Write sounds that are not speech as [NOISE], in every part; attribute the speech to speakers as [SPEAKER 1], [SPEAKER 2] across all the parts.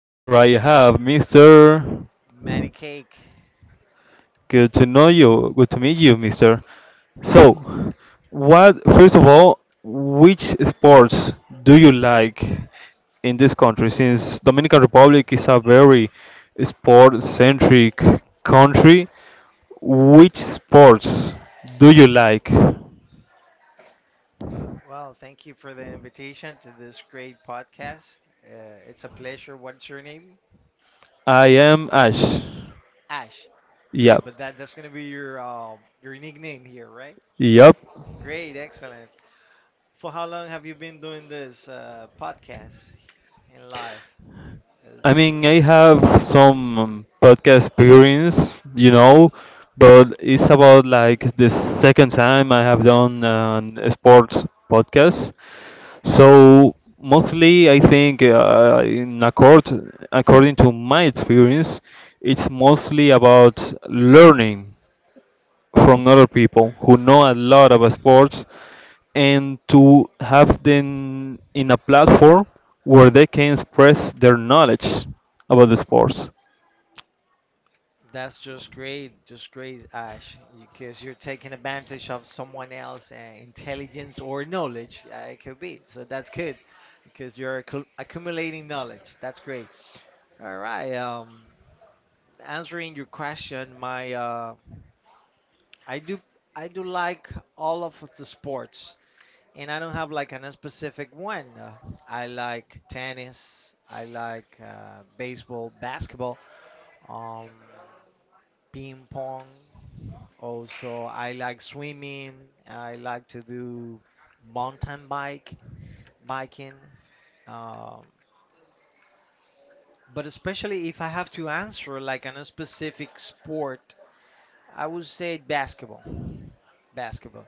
[SPEAKER 1] Here I have Mr.
[SPEAKER 2] Manny Cake.
[SPEAKER 1] Good to know you. Good to meet you, Mr. So, what first of all, which sports do you like in this country, since Dominican Republic is a very sport centric country? Which sports do you like?
[SPEAKER 2] Well, thank you for the invitation to this great podcast. Uh, it's a pleasure. What's your name?
[SPEAKER 1] I am Ash.
[SPEAKER 2] Ash. Great,
[SPEAKER 1] Yep.
[SPEAKER 2] but that's gonna be your nickname here, right?
[SPEAKER 1] Yep.
[SPEAKER 2] Great, excellent. For how long have you been doing this podcast in live? Uh,
[SPEAKER 1] I have some podcast experience, but it's about like the second time I have done an sports podcast. So mostly, I think, in accord according to my experience, it's mostly about learning from other people who know a lot about sports, and to have them in a platform where they can express their knowledge about the sports.
[SPEAKER 2] that's just great, Ash, because you're taking advantage of someone else's intelligence or knowledge. It could be, so that's good, because you're accumulating knowledge. That's great. All right. Answering your question, my I do I do like all of the sports, and I don't have like an specific one. I like tennis. I like baseball, basketball, um, ping pong. Also, I like swimming. I like to do mountain bike, biking. Um, but especially if I have to answer like an a specific sport. I would say basketball. Basketball.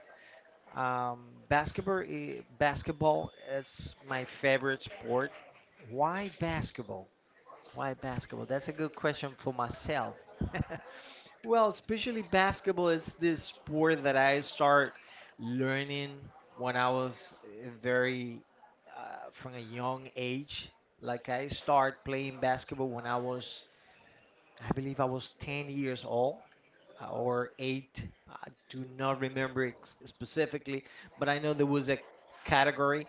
[SPEAKER 2] Basketball is my favorite sport. Why basketball? Why basketball? That's a good question for myself. [LAUGHS] Well, especially basketball, it's this sport that I start learning when I was very from a young age. Like I start playing basketball when I was, I believe I was 10 years old or eight. I do not remember specifically, but I know there was a category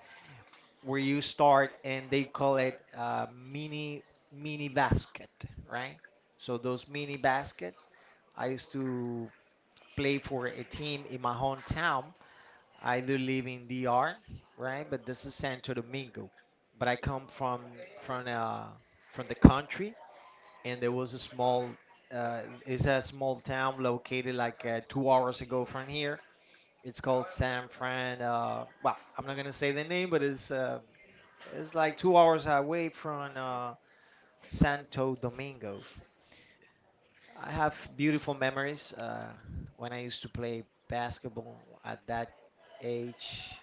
[SPEAKER 2] where you start and they call it mini basket, right? So those mini basket, I used to play for a team in my hometown. I do live in DR, right? But this is Santo Domingo. But I come from from uh from the country, and there was a small uh, it's a small town located like 2 hours ago from here. It's called San Fran. Well, I'm not gonna say the name, but it's like 2 hours away from Santo Domingo. I have beautiful memories when I used to play basketball at that age.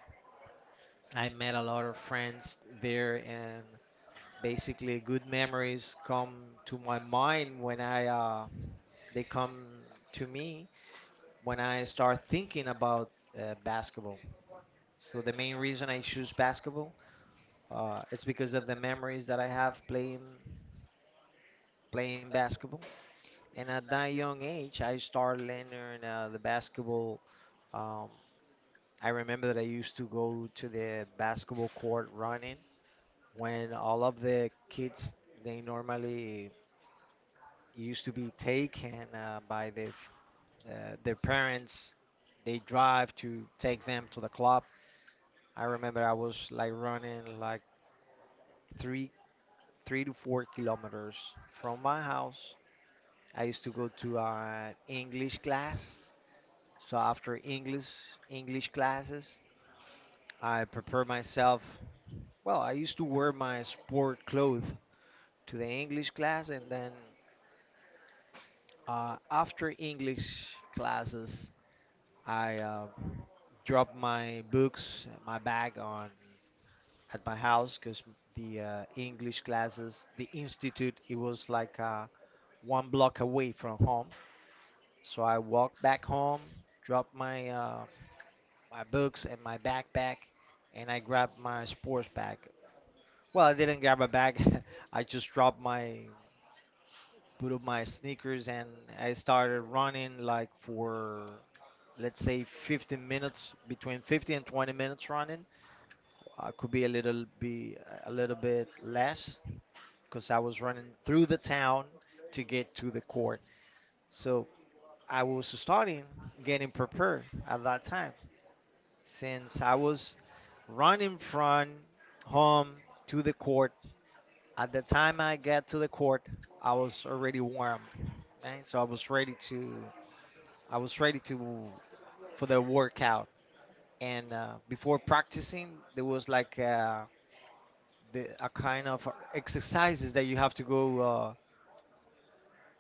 [SPEAKER 2] I met a lot of friends there, and basically, good memories come to my mind when I they come to me when I start thinking about basketball. So the main reason I choose basketball, it's because of the memories that I have playing basketball. And at that young age, I started learning the basketball. Um, I remember that I used to go to the basketball court running when all of the kids they normally used to be taken by their their parents. They drive to take them to the club. I remember I was like running like three three to four kilometers from my house. I used to go to an English class. So after English classes, I prepare myself. Well, I used to wear my sport clothes to the English class, and then after English classes, I drop my books, my bag on at my house because the English classes, the institute, it was like one block away from home. So I walked back home, dropped my my books and my backpack, and I grabbed my sports bag. Well, I didn't grab a bag. [LAUGHS] I just dropped my put up my sneakers and I started running like for let's say 15 minutes, between 15 and 20 minutes running I could be a little bit less because I was running through the town to get to the court. So I was starting getting prepared at that time since I was running from home to the court. At the time I got to the court, I was already warm, right? So I was ready to for the workout. And before practicing, there was like. The a kind of exercises that you have to go uh,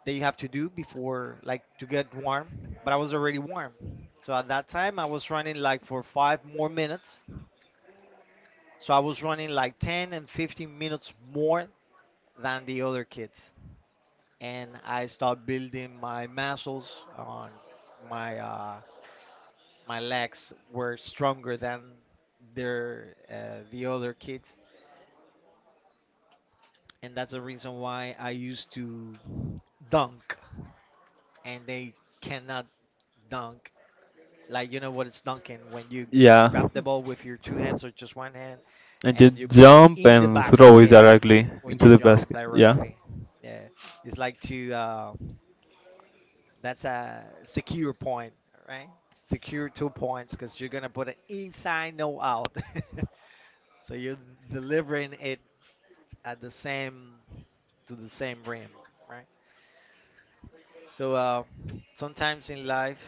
[SPEAKER 2] that you have to do before like to get warm, but I was already warm, so at that time I was running like for 5 more minutes, so I was running like 10 and 15 minutes more than the other kids, and I started building my muscles on my uh, my legs were stronger than the other kids, and that's the reason why I used to dunk and they cannot dunk. Like you know what it's dunking when you
[SPEAKER 1] Yeah,
[SPEAKER 2] grab the ball with your two hands or just one hand,
[SPEAKER 1] and you
[SPEAKER 2] and you put it
[SPEAKER 1] jump
[SPEAKER 2] in the
[SPEAKER 1] and throw it
[SPEAKER 2] basket
[SPEAKER 1] directly
[SPEAKER 2] when
[SPEAKER 1] into
[SPEAKER 2] you
[SPEAKER 1] the
[SPEAKER 2] jump
[SPEAKER 1] basket. Yeah.
[SPEAKER 2] directly. Yeah, it's like to that's a secure point, right? Secure 2 points because you're gonna put it inside, no out. [LAUGHS] So you're delivering it at the same to the same rim, right? So sometimes in life.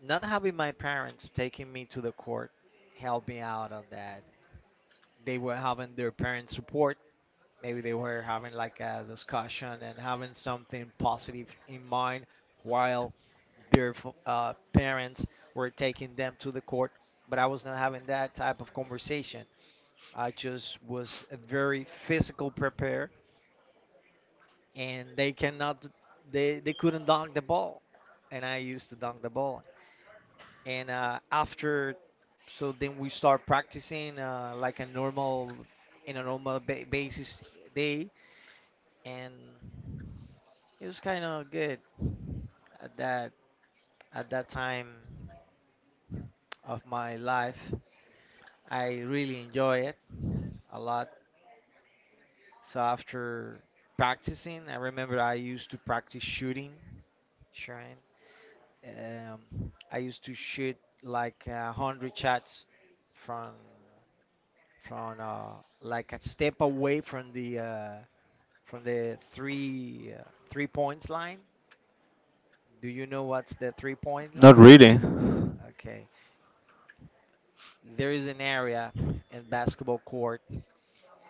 [SPEAKER 2] Not having my parents taking me to the court helped me out on that. They were having their parents' support. Maybe they were having like a discussion and having something positive in mind while their parents were taking them to the court. But I was not having that type of conversation. I just was a very physical prepared, and they cannot, they couldn't dunk the ball, and I used to dunk the ball. And after so then we start practicing like a normal in a normal basis day, and it was kind of good at that time of my life. I really enjoy it a lot. So after practicing, I remember I used to practice shooting. um, I used to shoot like 100 shots from from like a step away from the three 3 points line. Do you know what's the 3 point
[SPEAKER 1] Not
[SPEAKER 2] line?
[SPEAKER 1] really.
[SPEAKER 2] Okay, there is an area in basketball court,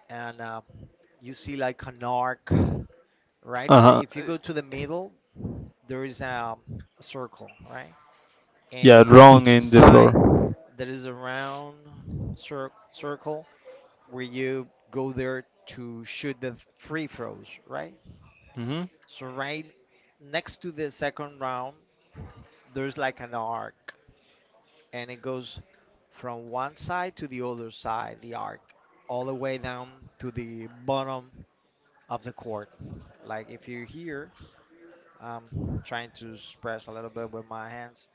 [SPEAKER 2] and you see like an arc right
[SPEAKER 1] Uh
[SPEAKER 2] in the.
[SPEAKER 1] huh.
[SPEAKER 2] If you go to the middle, there is a circle, right? And
[SPEAKER 1] Yeah,
[SPEAKER 2] in
[SPEAKER 1] wrong
[SPEAKER 2] each
[SPEAKER 1] in the
[SPEAKER 2] side,
[SPEAKER 1] floor.
[SPEAKER 2] there is a round circle where you go there to shoot the free throws, right?
[SPEAKER 1] Mhm.
[SPEAKER 2] So right next to the second round there's like an arc and it goes from one side to the other side, the arc, all the way down to the bottom of the court. Like if you're here, I'm trying to express a little bit with my hands.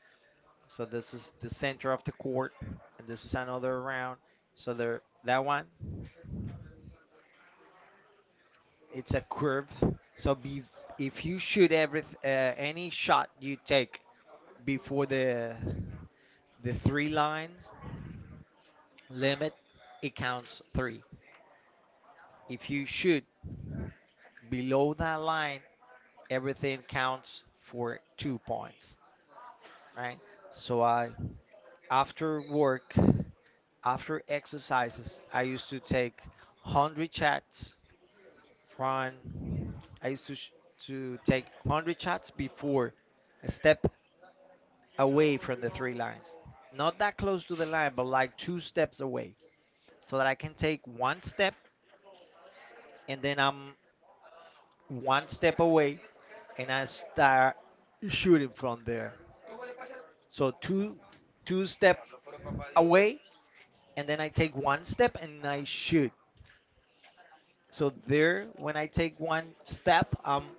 [SPEAKER 2] So this is the center of the court, and this is another round. So there, that one, it's a curve. So be if you shoot every any shot you take before the three lines, limit, it counts three. If you shoot below that line, everything counts for 2 points, right? So after work, after exercises, I used to take 100 shots from, I used to, sh- to take 100 shots before a step away from the three lines. Not that close to the line, but like two steps away so that I can take one step and then I'm one step away and I start shooting from there. So two step away and then I take one step and I shoot. So there when I take one step, I'm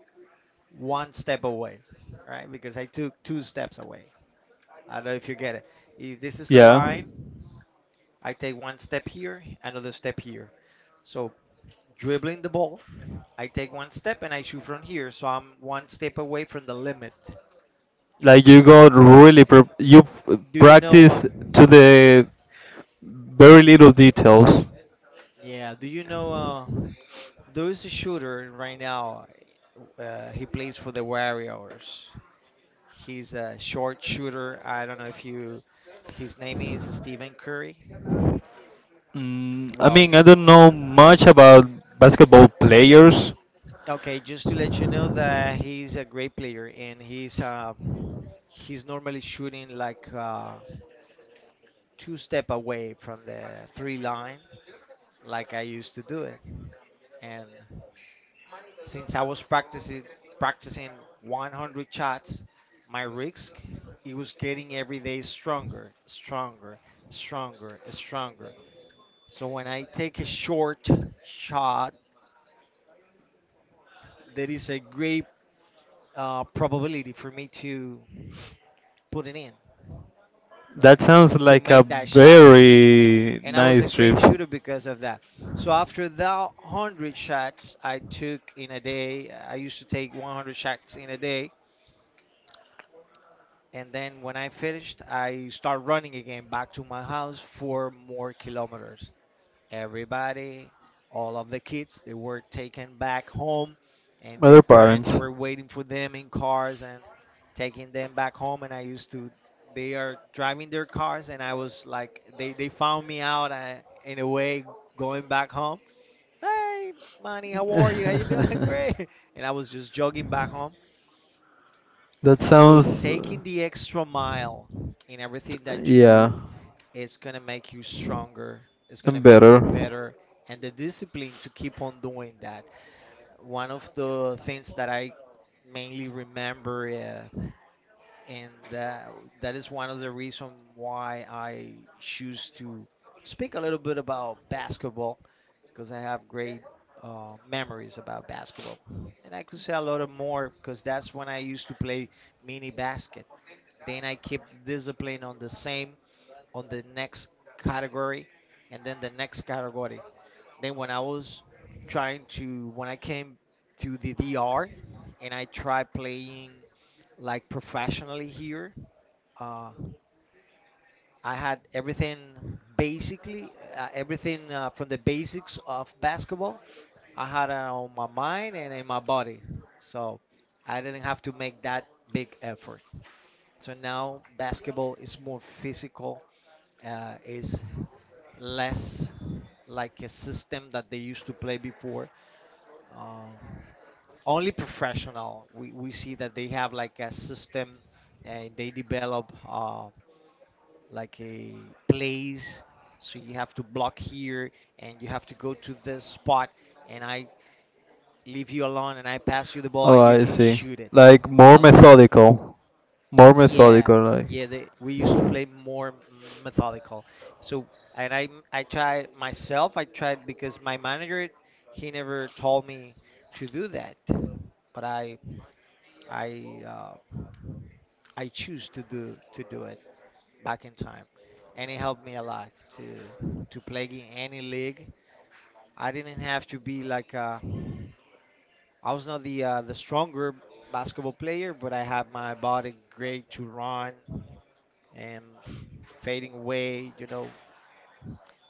[SPEAKER 2] one step away, right? Because I took two steps away. I don't know if you get it. If this is the
[SPEAKER 1] Yeah.
[SPEAKER 2] line, I take one step here, another step here. So dribbling the ball, I take one step and I shoot from here. So I'm one step away from the limit.
[SPEAKER 1] Like you got really pr- you p-
[SPEAKER 2] Do you know?
[SPEAKER 1] practice to the very little details.
[SPEAKER 2] Yeah, do you know uh, there is a shooter right now. He plays for the Warriors. He's a short shooter. I don't know if you. His name is Stephen Curry.
[SPEAKER 1] Mm,
[SPEAKER 2] Well,
[SPEAKER 1] I don't know much about basketball players.
[SPEAKER 2] okay, just to let you know that he's a great player and he's normally shooting like two step away from the three line, like I used to do it, and since I was practicing 100 shots, my risk it was getting every day stronger, stronger, stronger, stronger. So when I take a short shot, there is a great probability for me to put it in,
[SPEAKER 1] That
[SPEAKER 2] right?
[SPEAKER 1] sounds
[SPEAKER 2] To
[SPEAKER 1] like a
[SPEAKER 2] make that shot.
[SPEAKER 1] very
[SPEAKER 2] And I was a
[SPEAKER 1] nice trip.
[SPEAKER 2] great shooter because of that. So after the 100 shots I took in a day, I used to take 100 shots in a day. And then when I finished, I start running again back to my house for more kilometers. Everybody, all of the kids, they were taken back home and
[SPEAKER 1] Other
[SPEAKER 2] their parents
[SPEAKER 1] parents.
[SPEAKER 2] were waiting for them in cars and taking them back home and I used to they are driving their cars and I was like they found me out in a way going back home. Hey, Manny, how are you? How you
[SPEAKER 1] [LAUGHS]
[SPEAKER 2] doing? [LAUGHS] Great. And I was just jogging back home
[SPEAKER 1] That
[SPEAKER 2] so
[SPEAKER 1] sounds.
[SPEAKER 2] taking the extra mile in everything that you
[SPEAKER 1] Yeah.
[SPEAKER 2] do is going to make you stronger. It's going to
[SPEAKER 1] I'm
[SPEAKER 2] make you
[SPEAKER 1] better.
[SPEAKER 2] better and the discipline to keep on doing that. One of the things that I mainly remember uh, and that, that is one of the reasons why I choose to speak a little bit about basketball because I have great memories about basketball. And I could say a lot of more because that's when I used to play mini basket, then I keep the discipline on the same, on the next category, and then the next category. Then when I was trying to, when I came to the DR and I tried playing like professionally here, uh, I had everything basically, everything from the basics of basketball. I had it on my mind and in my body. So I didn't have to make that big effort. So now basketball is more physical, is less like a system that they used to play before. Um, Only professional, we see that they have like a system and they develop. Like a place, so you have to block here and you have to go to this spot, and I leave you alone and I pass you the ball
[SPEAKER 1] Oh,
[SPEAKER 2] and you
[SPEAKER 1] I
[SPEAKER 2] can
[SPEAKER 1] see.
[SPEAKER 2] shoot it
[SPEAKER 1] Like more
[SPEAKER 2] alone.
[SPEAKER 1] methodical, more
[SPEAKER 2] Yeah,
[SPEAKER 1] methodical. Like
[SPEAKER 2] we used to play more methodical, so and I tried myself, I tried, because my manager, he never told me to do that, but i uh, I choose to do it back in time, and it helped me a lot to to play in any league. I didn't have to be like I was not the the stronger basketball player, but I had my body great to run and fading away, you know.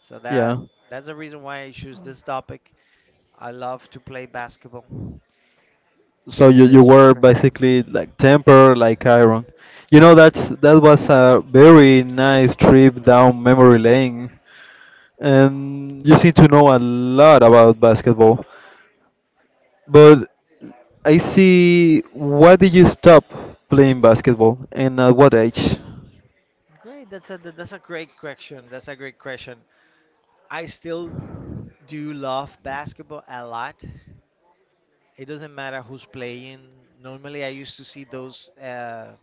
[SPEAKER 2] So
[SPEAKER 1] yeah.
[SPEAKER 2] that's the reason why I choose this topic. I love to play basketball,
[SPEAKER 1] So you
[SPEAKER 2] and
[SPEAKER 1] you
[SPEAKER 2] it's
[SPEAKER 1] were
[SPEAKER 2] just great.
[SPEAKER 1] basically like temper like iron. You know, that was a very nice trip down memory lane, and you seem to know a lot about basketball. But I see, why did you stop playing basketball, and at what age?
[SPEAKER 2] Great, that's a great question. That's a great question. I still do love basketball a lot. It doesn't matter who's playing. Normally, I used to see those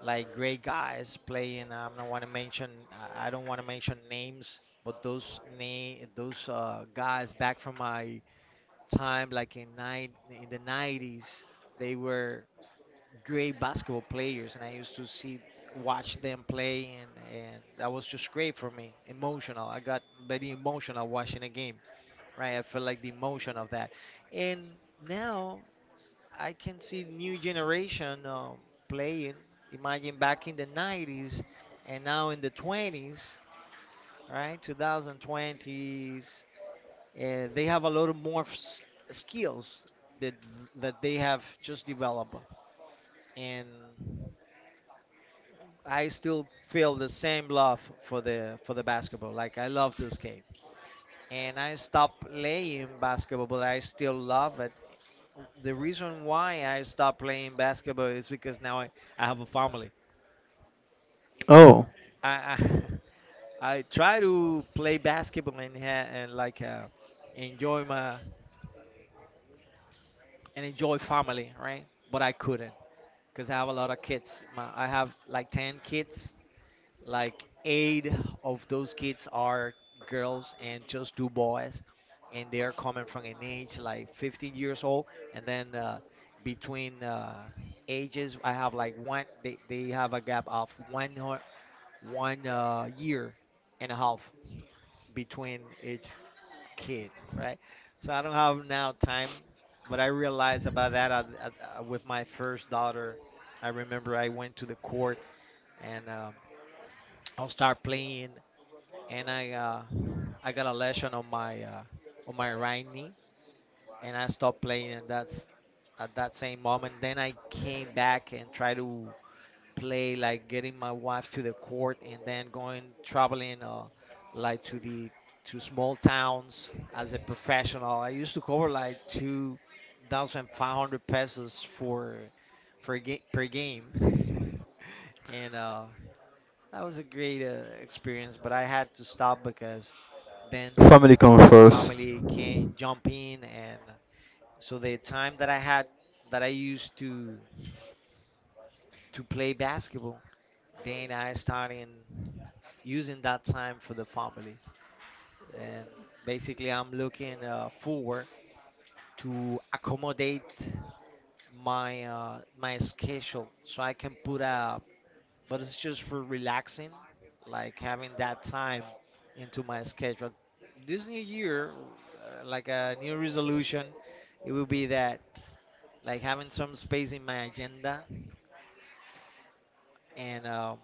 [SPEAKER 2] like great guys playing. I'm not want to mention. I don't want to mention names, but those guys back from my time, like in the 90s, they were great basketball players, and I used to see watch them play, and that was just great for me. Emotional. I got very emotional watching a game, right? I feel like the emotion of that. And now I can see new generation playing. Imagine back in the 90s and now in the 20s, right? 2020s. They have a lot of more skills that they have just developed, and I still feel the same love for the basketball. Like I love this game. And I stopped playing basketball, but I still love it. The reason why I stopped playing basketball is because now I have a family.
[SPEAKER 1] Oh,
[SPEAKER 2] I [LAUGHS] I try to play basketball and and like enjoy my and enjoy family, right? But I couldn't because I have a lot of kids. My, I have like 10 kids, like eight of those kids are girls and just two boys, and they are coming from an age like 15 years old, and then between ages I have like they have a gap of one year and a half between each kid, right? So I don't have now time. But I realized about that with my first daughter. I remember I went to the court, and I'll start playing, and I got a lesion on my right knee, and I stopped playing. And that's at that same moment. Then I came back and tried to play, like getting my wife to the court, and then going traveling, like to the to small towns as a professional. I used to cover like 2,500 pesos for per game, [LAUGHS] and that was a great experience, but I had to stop because then
[SPEAKER 1] family come first.
[SPEAKER 2] family came jump in, and so the time that I had that I used to play basketball, then I started using that time for the family, and basically I'm looking forward to accommodate my my schedule so I can put a, but it's just for relaxing, like having that time into my schedule. This new year, like a new resolution, it will be that like having some space in my agenda and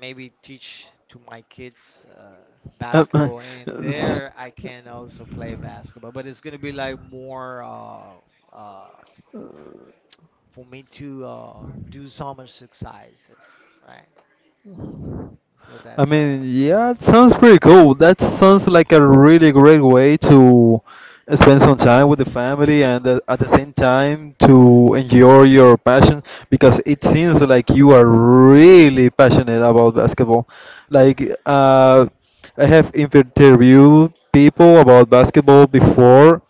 [SPEAKER 2] maybe teach to my kids
[SPEAKER 1] Uh,
[SPEAKER 2] basketball,
[SPEAKER 1] [LAUGHS]
[SPEAKER 2] and
[SPEAKER 1] uh, s-
[SPEAKER 2] there I can also play basketball, but it's gonna be like more uh, for me to do some exercises, right? So
[SPEAKER 1] I
[SPEAKER 2] that's uh.
[SPEAKER 1] mean, yeah, It sounds pretty cool. That sounds like a really great way to spend some time with the family and, at the same time, to enjoy your passion, because it seems like you are really passionate about basketball. Like, I have interviewed people about basketball before,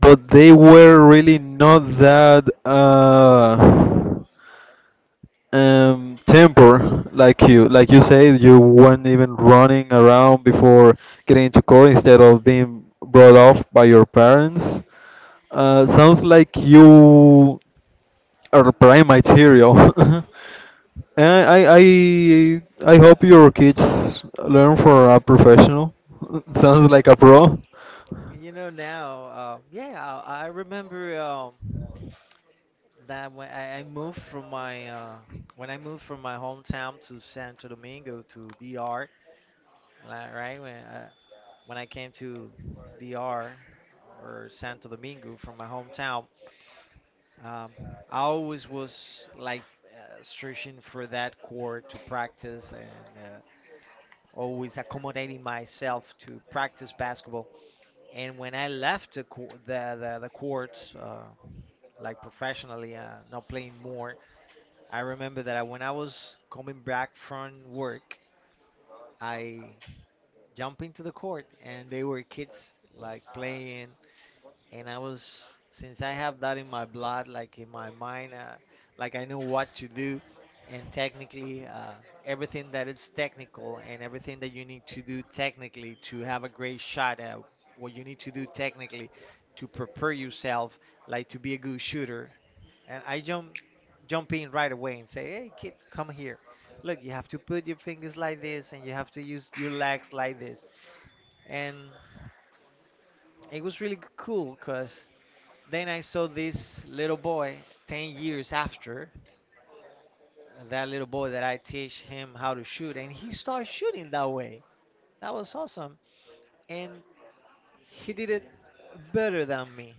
[SPEAKER 1] but they were really not that temper like you. Like you said, you weren't even running around before getting into court instead of being brought off by your parents. Sounds like you are prime material. [LAUGHS] And I hope your kids learn for a professional. [LAUGHS]
[SPEAKER 2] and
[SPEAKER 1] Sounds
[SPEAKER 2] y-
[SPEAKER 1] like a pro.
[SPEAKER 2] You know now, yeah, I remember that when I moved from my when I moved from my hometown to Santo Domingo to DR, right? When when I came to DR or Santo Domingo from my hometown, um, I always was like searching for that core to practice, and always accommodating myself to practice basketball. And when I left the co- the courts, like professionally, not playing more, I remember that when I was coming back from work, I jumped into the court, and they were kids like playing, and I was, since I have that in my blood, like in my mind, like I know what to do, and technically everything that is technical, and everything that you need to do technically to have a great shot at, what you need to do technically to prepare yourself, like to be a good shooter, and I jump in right away and say, hey kid, come here. Look, you have to put your fingers like this, and you have to use your legs like this. And it was really cool because then I saw this little boy 10 years after, that little boy that I teach him how to shoot, and he started shooting that way. That was awesome. And he did it better than me.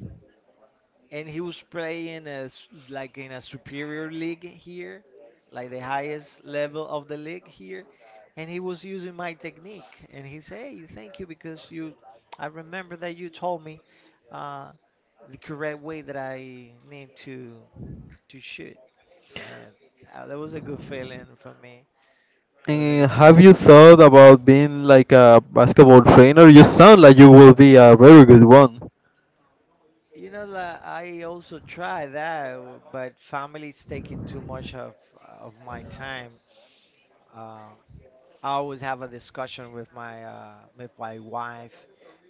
[SPEAKER 2] And he was playing a s like in a superior league here, like the highest level of the league here. And he was using my technique. And he said, hey, thank you, because you, I remember that you told me uh, the correct way that I need to shoot. And that was a good feeling for me. That was a
[SPEAKER 1] Eh,
[SPEAKER 2] good
[SPEAKER 1] have
[SPEAKER 2] feeling.
[SPEAKER 1] you thought about being like a basketball trainer? You sound like you will be a very good one.
[SPEAKER 2] You know, like, I also try that, but family is taking too much of my time. Um, I always have a discussion with my wife,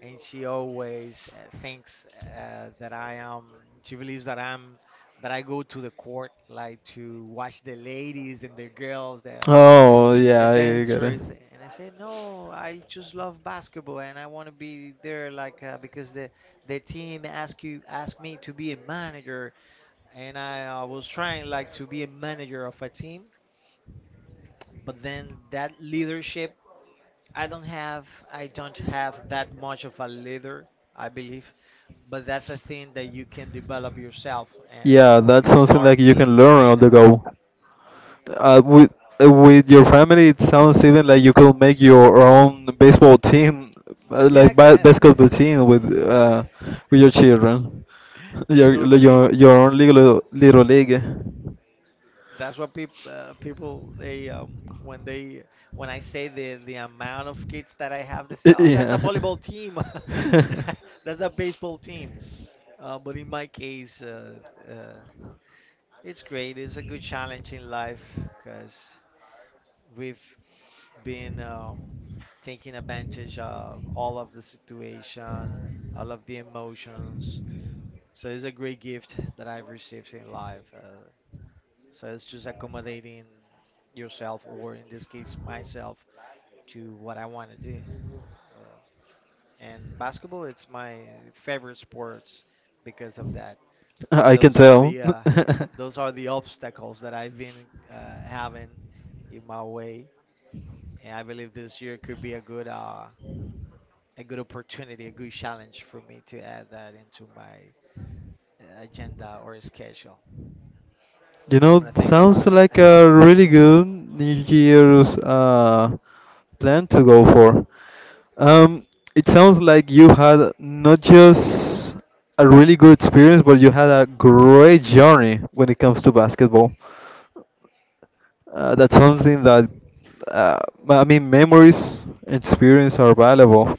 [SPEAKER 2] and she always thinks that I am. She believes that I'm that I go to the court like to watch the ladies and the girls, the like
[SPEAKER 1] Oh,
[SPEAKER 2] the
[SPEAKER 1] yeah, I get it.
[SPEAKER 2] dancers. And I say no, I just love basketball and I want to be there like because the team asked, you asked me to be a manager, and I was trying like to be a manager of a team, but then that leadership, I don't have I don't have that much of a leader, I believe, but that's a thing that you can develop yourself
[SPEAKER 1] Yeah, that's
[SPEAKER 2] and
[SPEAKER 1] something that
[SPEAKER 2] start
[SPEAKER 1] you
[SPEAKER 2] being
[SPEAKER 1] can learn on
[SPEAKER 2] trained
[SPEAKER 1] the
[SPEAKER 2] about.
[SPEAKER 1] go. Uh, with with your family, it sounds even like you could make your own baseball team,
[SPEAKER 2] Yeah, I
[SPEAKER 1] like ba basketball
[SPEAKER 2] can. [LAUGHS]
[SPEAKER 1] team with, uh, with your children, [LAUGHS]
[SPEAKER 2] They
[SPEAKER 1] your
[SPEAKER 2] normally,
[SPEAKER 1] own little league. [LAUGHS]
[SPEAKER 2] that's what people they when they, when I say the amount of kids that I have, they say, "Oh, that's a
[SPEAKER 1] Yeah.
[SPEAKER 2] volleyball team. [LAUGHS]
[SPEAKER 1] [LAUGHS]
[SPEAKER 2] That- That's a baseball team." But in my case, uh, it's great. It's a good challenge in life, because we've been taking advantage of all of the situation, all of the emotions. So it's a great gift that I've received in life. So it's just accommodating yourself, or in this case, myself, to what I want to do. Uh, and basketball, it's my favorite sports because of that. But
[SPEAKER 1] I can tell.
[SPEAKER 2] those are the obstacles that I've been having in my
[SPEAKER 1] [LAUGHS]
[SPEAKER 2] way. And I believe this year could be a good opportunity, a good challenge for me to add that into my agenda or schedule.
[SPEAKER 1] You
[SPEAKER 2] I'm
[SPEAKER 1] know,
[SPEAKER 2] gonna think
[SPEAKER 1] sounds
[SPEAKER 2] about it.
[SPEAKER 1] like
[SPEAKER 2] [LAUGHS]
[SPEAKER 1] a really good New Year's plan to go for. Um, it sounds like you had not just a really good experience, but you had a great journey when it comes to basketball. That's something that, uh, I mean, memories and experience are valuable.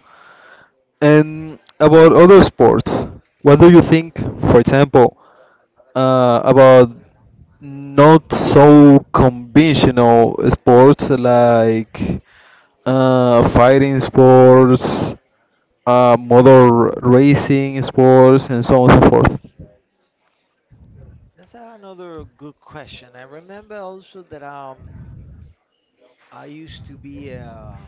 [SPEAKER 1] And about other sports, what do you think, for example, about not so conventional sports like fighting sports, motor racing sports, and so on and so forth?
[SPEAKER 2] That's another good question. I remember also that I used to be uh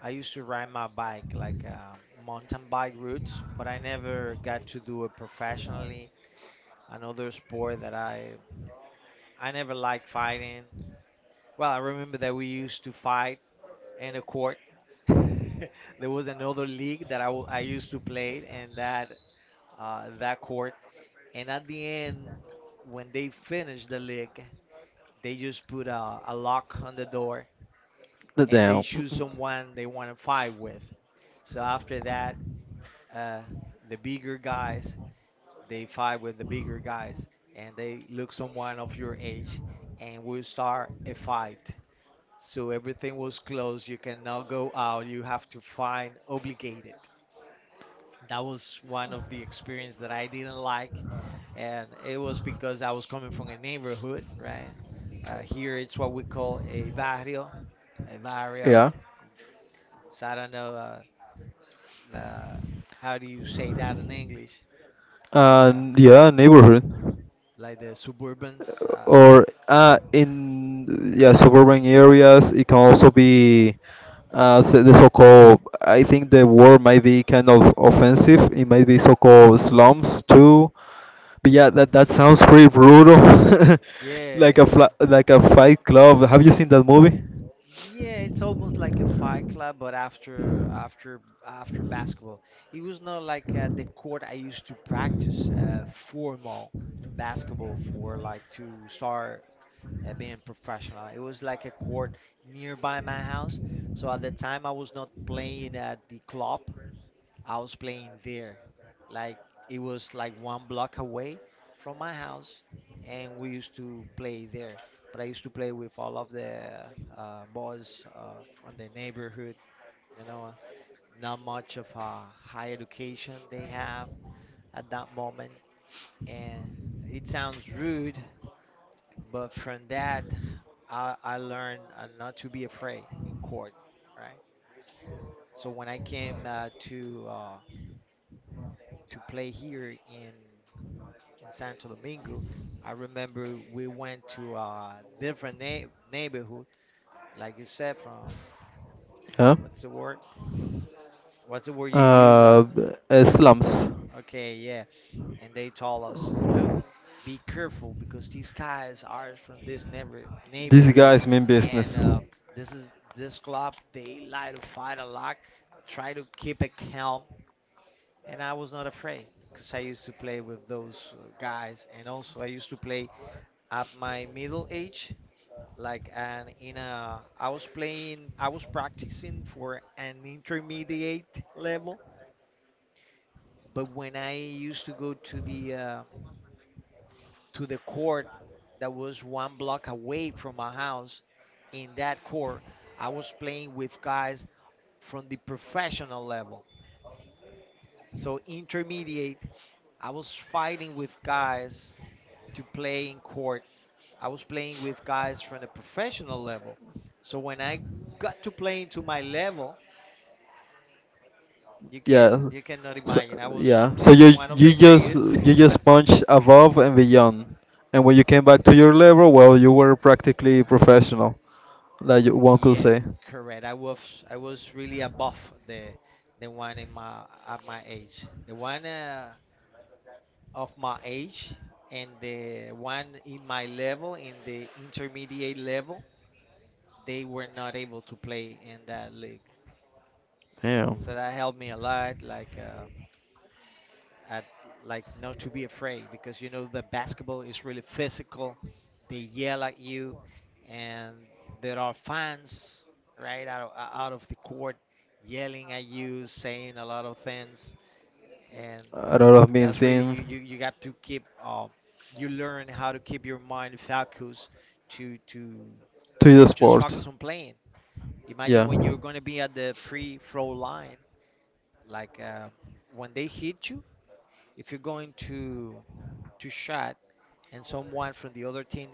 [SPEAKER 2] I used to ride my bike like mountain bike routes, but I never got to do it professionally. Another sport that I never liked fighting. Well, I remember that we used to fight and a court. [LAUGHS] There was another league that I used to play, and that that court. And at the end, when they finish the league, they just put a lock on the door,
[SPEAKER 1] The
[SPEAKER 2] and they
[SPEAKER 1] damn.
[SPEAKER 2] choose someone they want to fight with. So after that, uh, the bigger guys, they fight with the bigger guys, and they look someone of your age, and will start a fight. So everything was closed. You cannot go out. You have to find obligated. That was one of the experience that I didn't like, and it was because I was coming from a
[SPEAKER 1] [LAUGHS]
[SPEAKER 2] neighborhood, right? Here it's what we call a barrio, a barrio.
[SPEAKER 1] Yeah.
[SPEAKER 2] So I don't know the how do you say that in English, like
[SPEAKER 1] And yeah, neighborhood,
[SPEAKER 2] the suburbans.
[SPEAKER 1] or in yeah suburban areas, it can also be, the so-called. I think the word might be kind of offensive. It might be so-called slums too. But yeah, that sounds pretty brutal, [LAUGHS]
[SPEAKER 2] Yeah, yeah,
[SPEAKER 1] like a
[SPEAKER 2] yeah.
[SPEAKER 1] fight club. Have you seen that movie?
[SPEAKER 2] Yeah, it's almost like a fight club, but after basketball, it was not like the court I used to practice formal basketball for, like to start being professional. It was like a court nearby my house. So at the time, I was not playing at the club. I was playing there. Like it was like one block away from my house, and we used to play there. But I used to play with all of the boys from the neighborhood. You know, not much of a high education they have at that moment, and it sounds rude, but from that, I learned not to be afraid in court, right? So when I came to play here in Santo Domingo. I remember we went to a different neighborhood, like you said, from
[SPEAKER 1] Yeah.
[SPEAKER 2] what's the word? What's the word you use?
[SPEAKER 1] Uh, Slums.
[SPEAKER 2] Okay, yeah. And they told us, look, be careful because these guys are from this
[SPEAKER 1] This
[SPEAKER 2] neighborhood,
[SPEAKER 1] guy's mean
[SPEAKER 2] and
[SPEAKER 1] business.
[SPEAKER 2] this is this club. They like to fight a lot. Try to keep it calm. And I was not afraid because I used to play with those guys, and also I used to play at my middle age. Like and in a I was practicing for an intermediate level. But when I used to go to the court that was one block away from my house. In that court I was playing with guys from the professional level. So intermediate, I was fighting with guys to play in court. I was playing with guys from the professional level. So when I got to playing to my level,
[SPEAKER 1] Yeah.
[SPEAKER 2] you cannot
[SPEAKER 1] So
[SPEAKER 2] imagine. I was
[SPEAKER 1] yeah. So you
[SPEAKER 2] one of
[SPEAKER 1] you
[SPEAKER 2] the
[SPEAKER 1] just
[SPEAKER 2] greatest.
[SPEAKER 1] you just punch above and beyond, and when you came back to your level, well, you were practically professional, like you-
[SPEAKER 2] [LAUGHS]
[SPEAKER 1] one could
[SPEAKER 2] Yeah,
[SPEAKER 1] say.
[SPEAKER 2] correct. I was really above the the one in my at my age. The one of my age and the one in my level in the intermediate level, they were not able to play in that league.
[SPEAKER 1] Yeah.
[SPEAKER 2] So that helped me a lot. Like. At like Not to be afraid, because you know the basketball is really physical. They yell at you, and there are fans right out of the court yelling at you, saying a lot of things, and
[SPEAKER 1] A lot of mean
[SPEAKER 2] that's really
[SPEAKER 1] things
[SPEAKER 2] you got to keep, you learn how to keep your mind focused to to
[SPEAKER 1] to the
[SPEAKER 2] to just
[SPEAKER 1] sport.
[SPEAKER 2] focus on playing. Imagine
[SPEAKER 1] Yeah.
[SPEAKER 2] when you're going to be at the free throw line, like when they hit you. If you're going to shot, and someone from the other team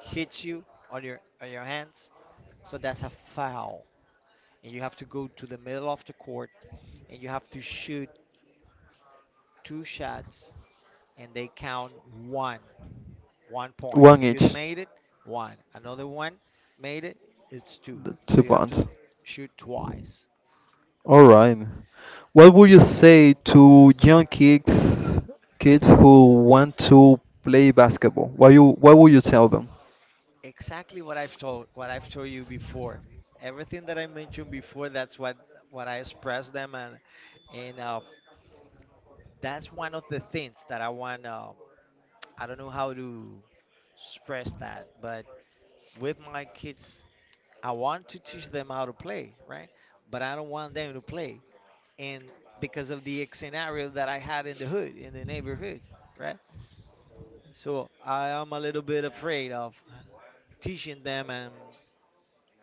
[SPEAKER 2] hits you on your hands, so that's a foul. And you have to go to the middle of the court and you have to shoot two shots, and they count one. 1 point.
[SPEAKER 1] One
[SPEAKER 2] If you
[SPEAKER 1] each.
[SPEAKER 2] made it, one. Another one made it, it's two.
[SPEAKER 1] The
[SPEAKER 2] So
[SPEAKER 1] two
[SPEAKER 2] you have to
[SPEAKER 1] pounds.
[SPEAKER 2] shoot twice.
[SPEAKER 1] All right. What would you say to young kids, kids who want to play basketball? What would you tell them?
[SPEAKER 2] Exactly what I've told you before. Everything that I mentioned before, that's what I express them, and and uh, that's one of the things that I want. I don't know how to express that, but with my kids, I want to teach them how to play, right? But I don't want them to play, and because of the scenario that I had in the hood, in the neighborhood, right? So I am a little bit afraid of teaching them and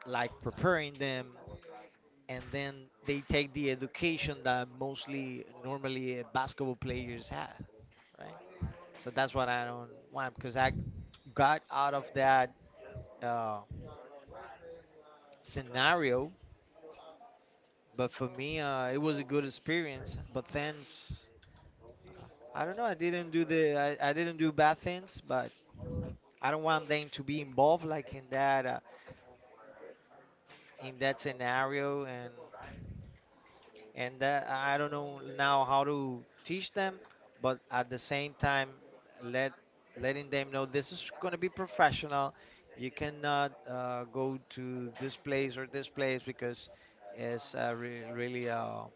[SPEAKER 2] like preparing them, and then they take the education that mostly normally basketball players have, right? So that's what I don't want, because I got out of that uh, scenario. But for me, it was a good experience. But thanks, I don't know. I didn't do bad things, but I don't want them to be involved like in that scenario, and that, I don't know now how to teach them, but at the same time, let letting them know this is going to be professional. You cannot go to this place or this place, because it's really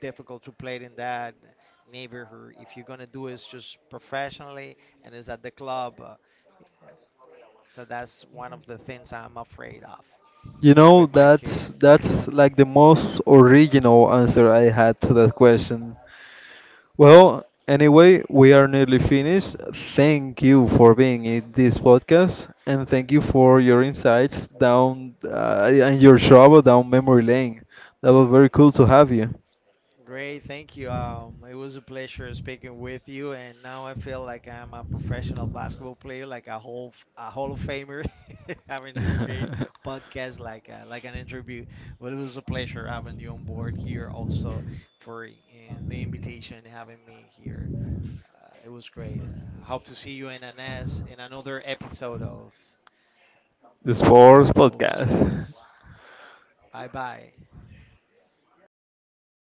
[SPEAKER 2] difficult to play it in that neighborhood. If you're going to do it, just professionally, and it's at the club. So that's one of the things I'm afraid of
[SPEAKER 1] You know,
[SPEAKER 2] with my
[SPEAKER 1] that's
[SPEAKER 2] kids.
[SPEAKER 1] like the most original answer I had to that question. Well, anyway, we are nearly finished. Thank you for being in this podcast, and thank you for your insights down, and your travel down memory lane. That was very cool to have you.
[SPEAKER 2] Great, thank you. It was a pleasure speaking with you, and now I feel like I'm a professional basketball player, like a Hall of Famer, [LAUGHS] having this great
[SPEAKER 1] [LAUGHS] [LAUGHS]
[SPEAKER 2] podcast, like an interview. But it was a pleasure having you on board here, also for the invitation and having me here. It was great. Hope to see you in an S in another episode of
[SPEAKER 1] The Sports Podcast.
[SPEAKER 2] sports. Bye bye.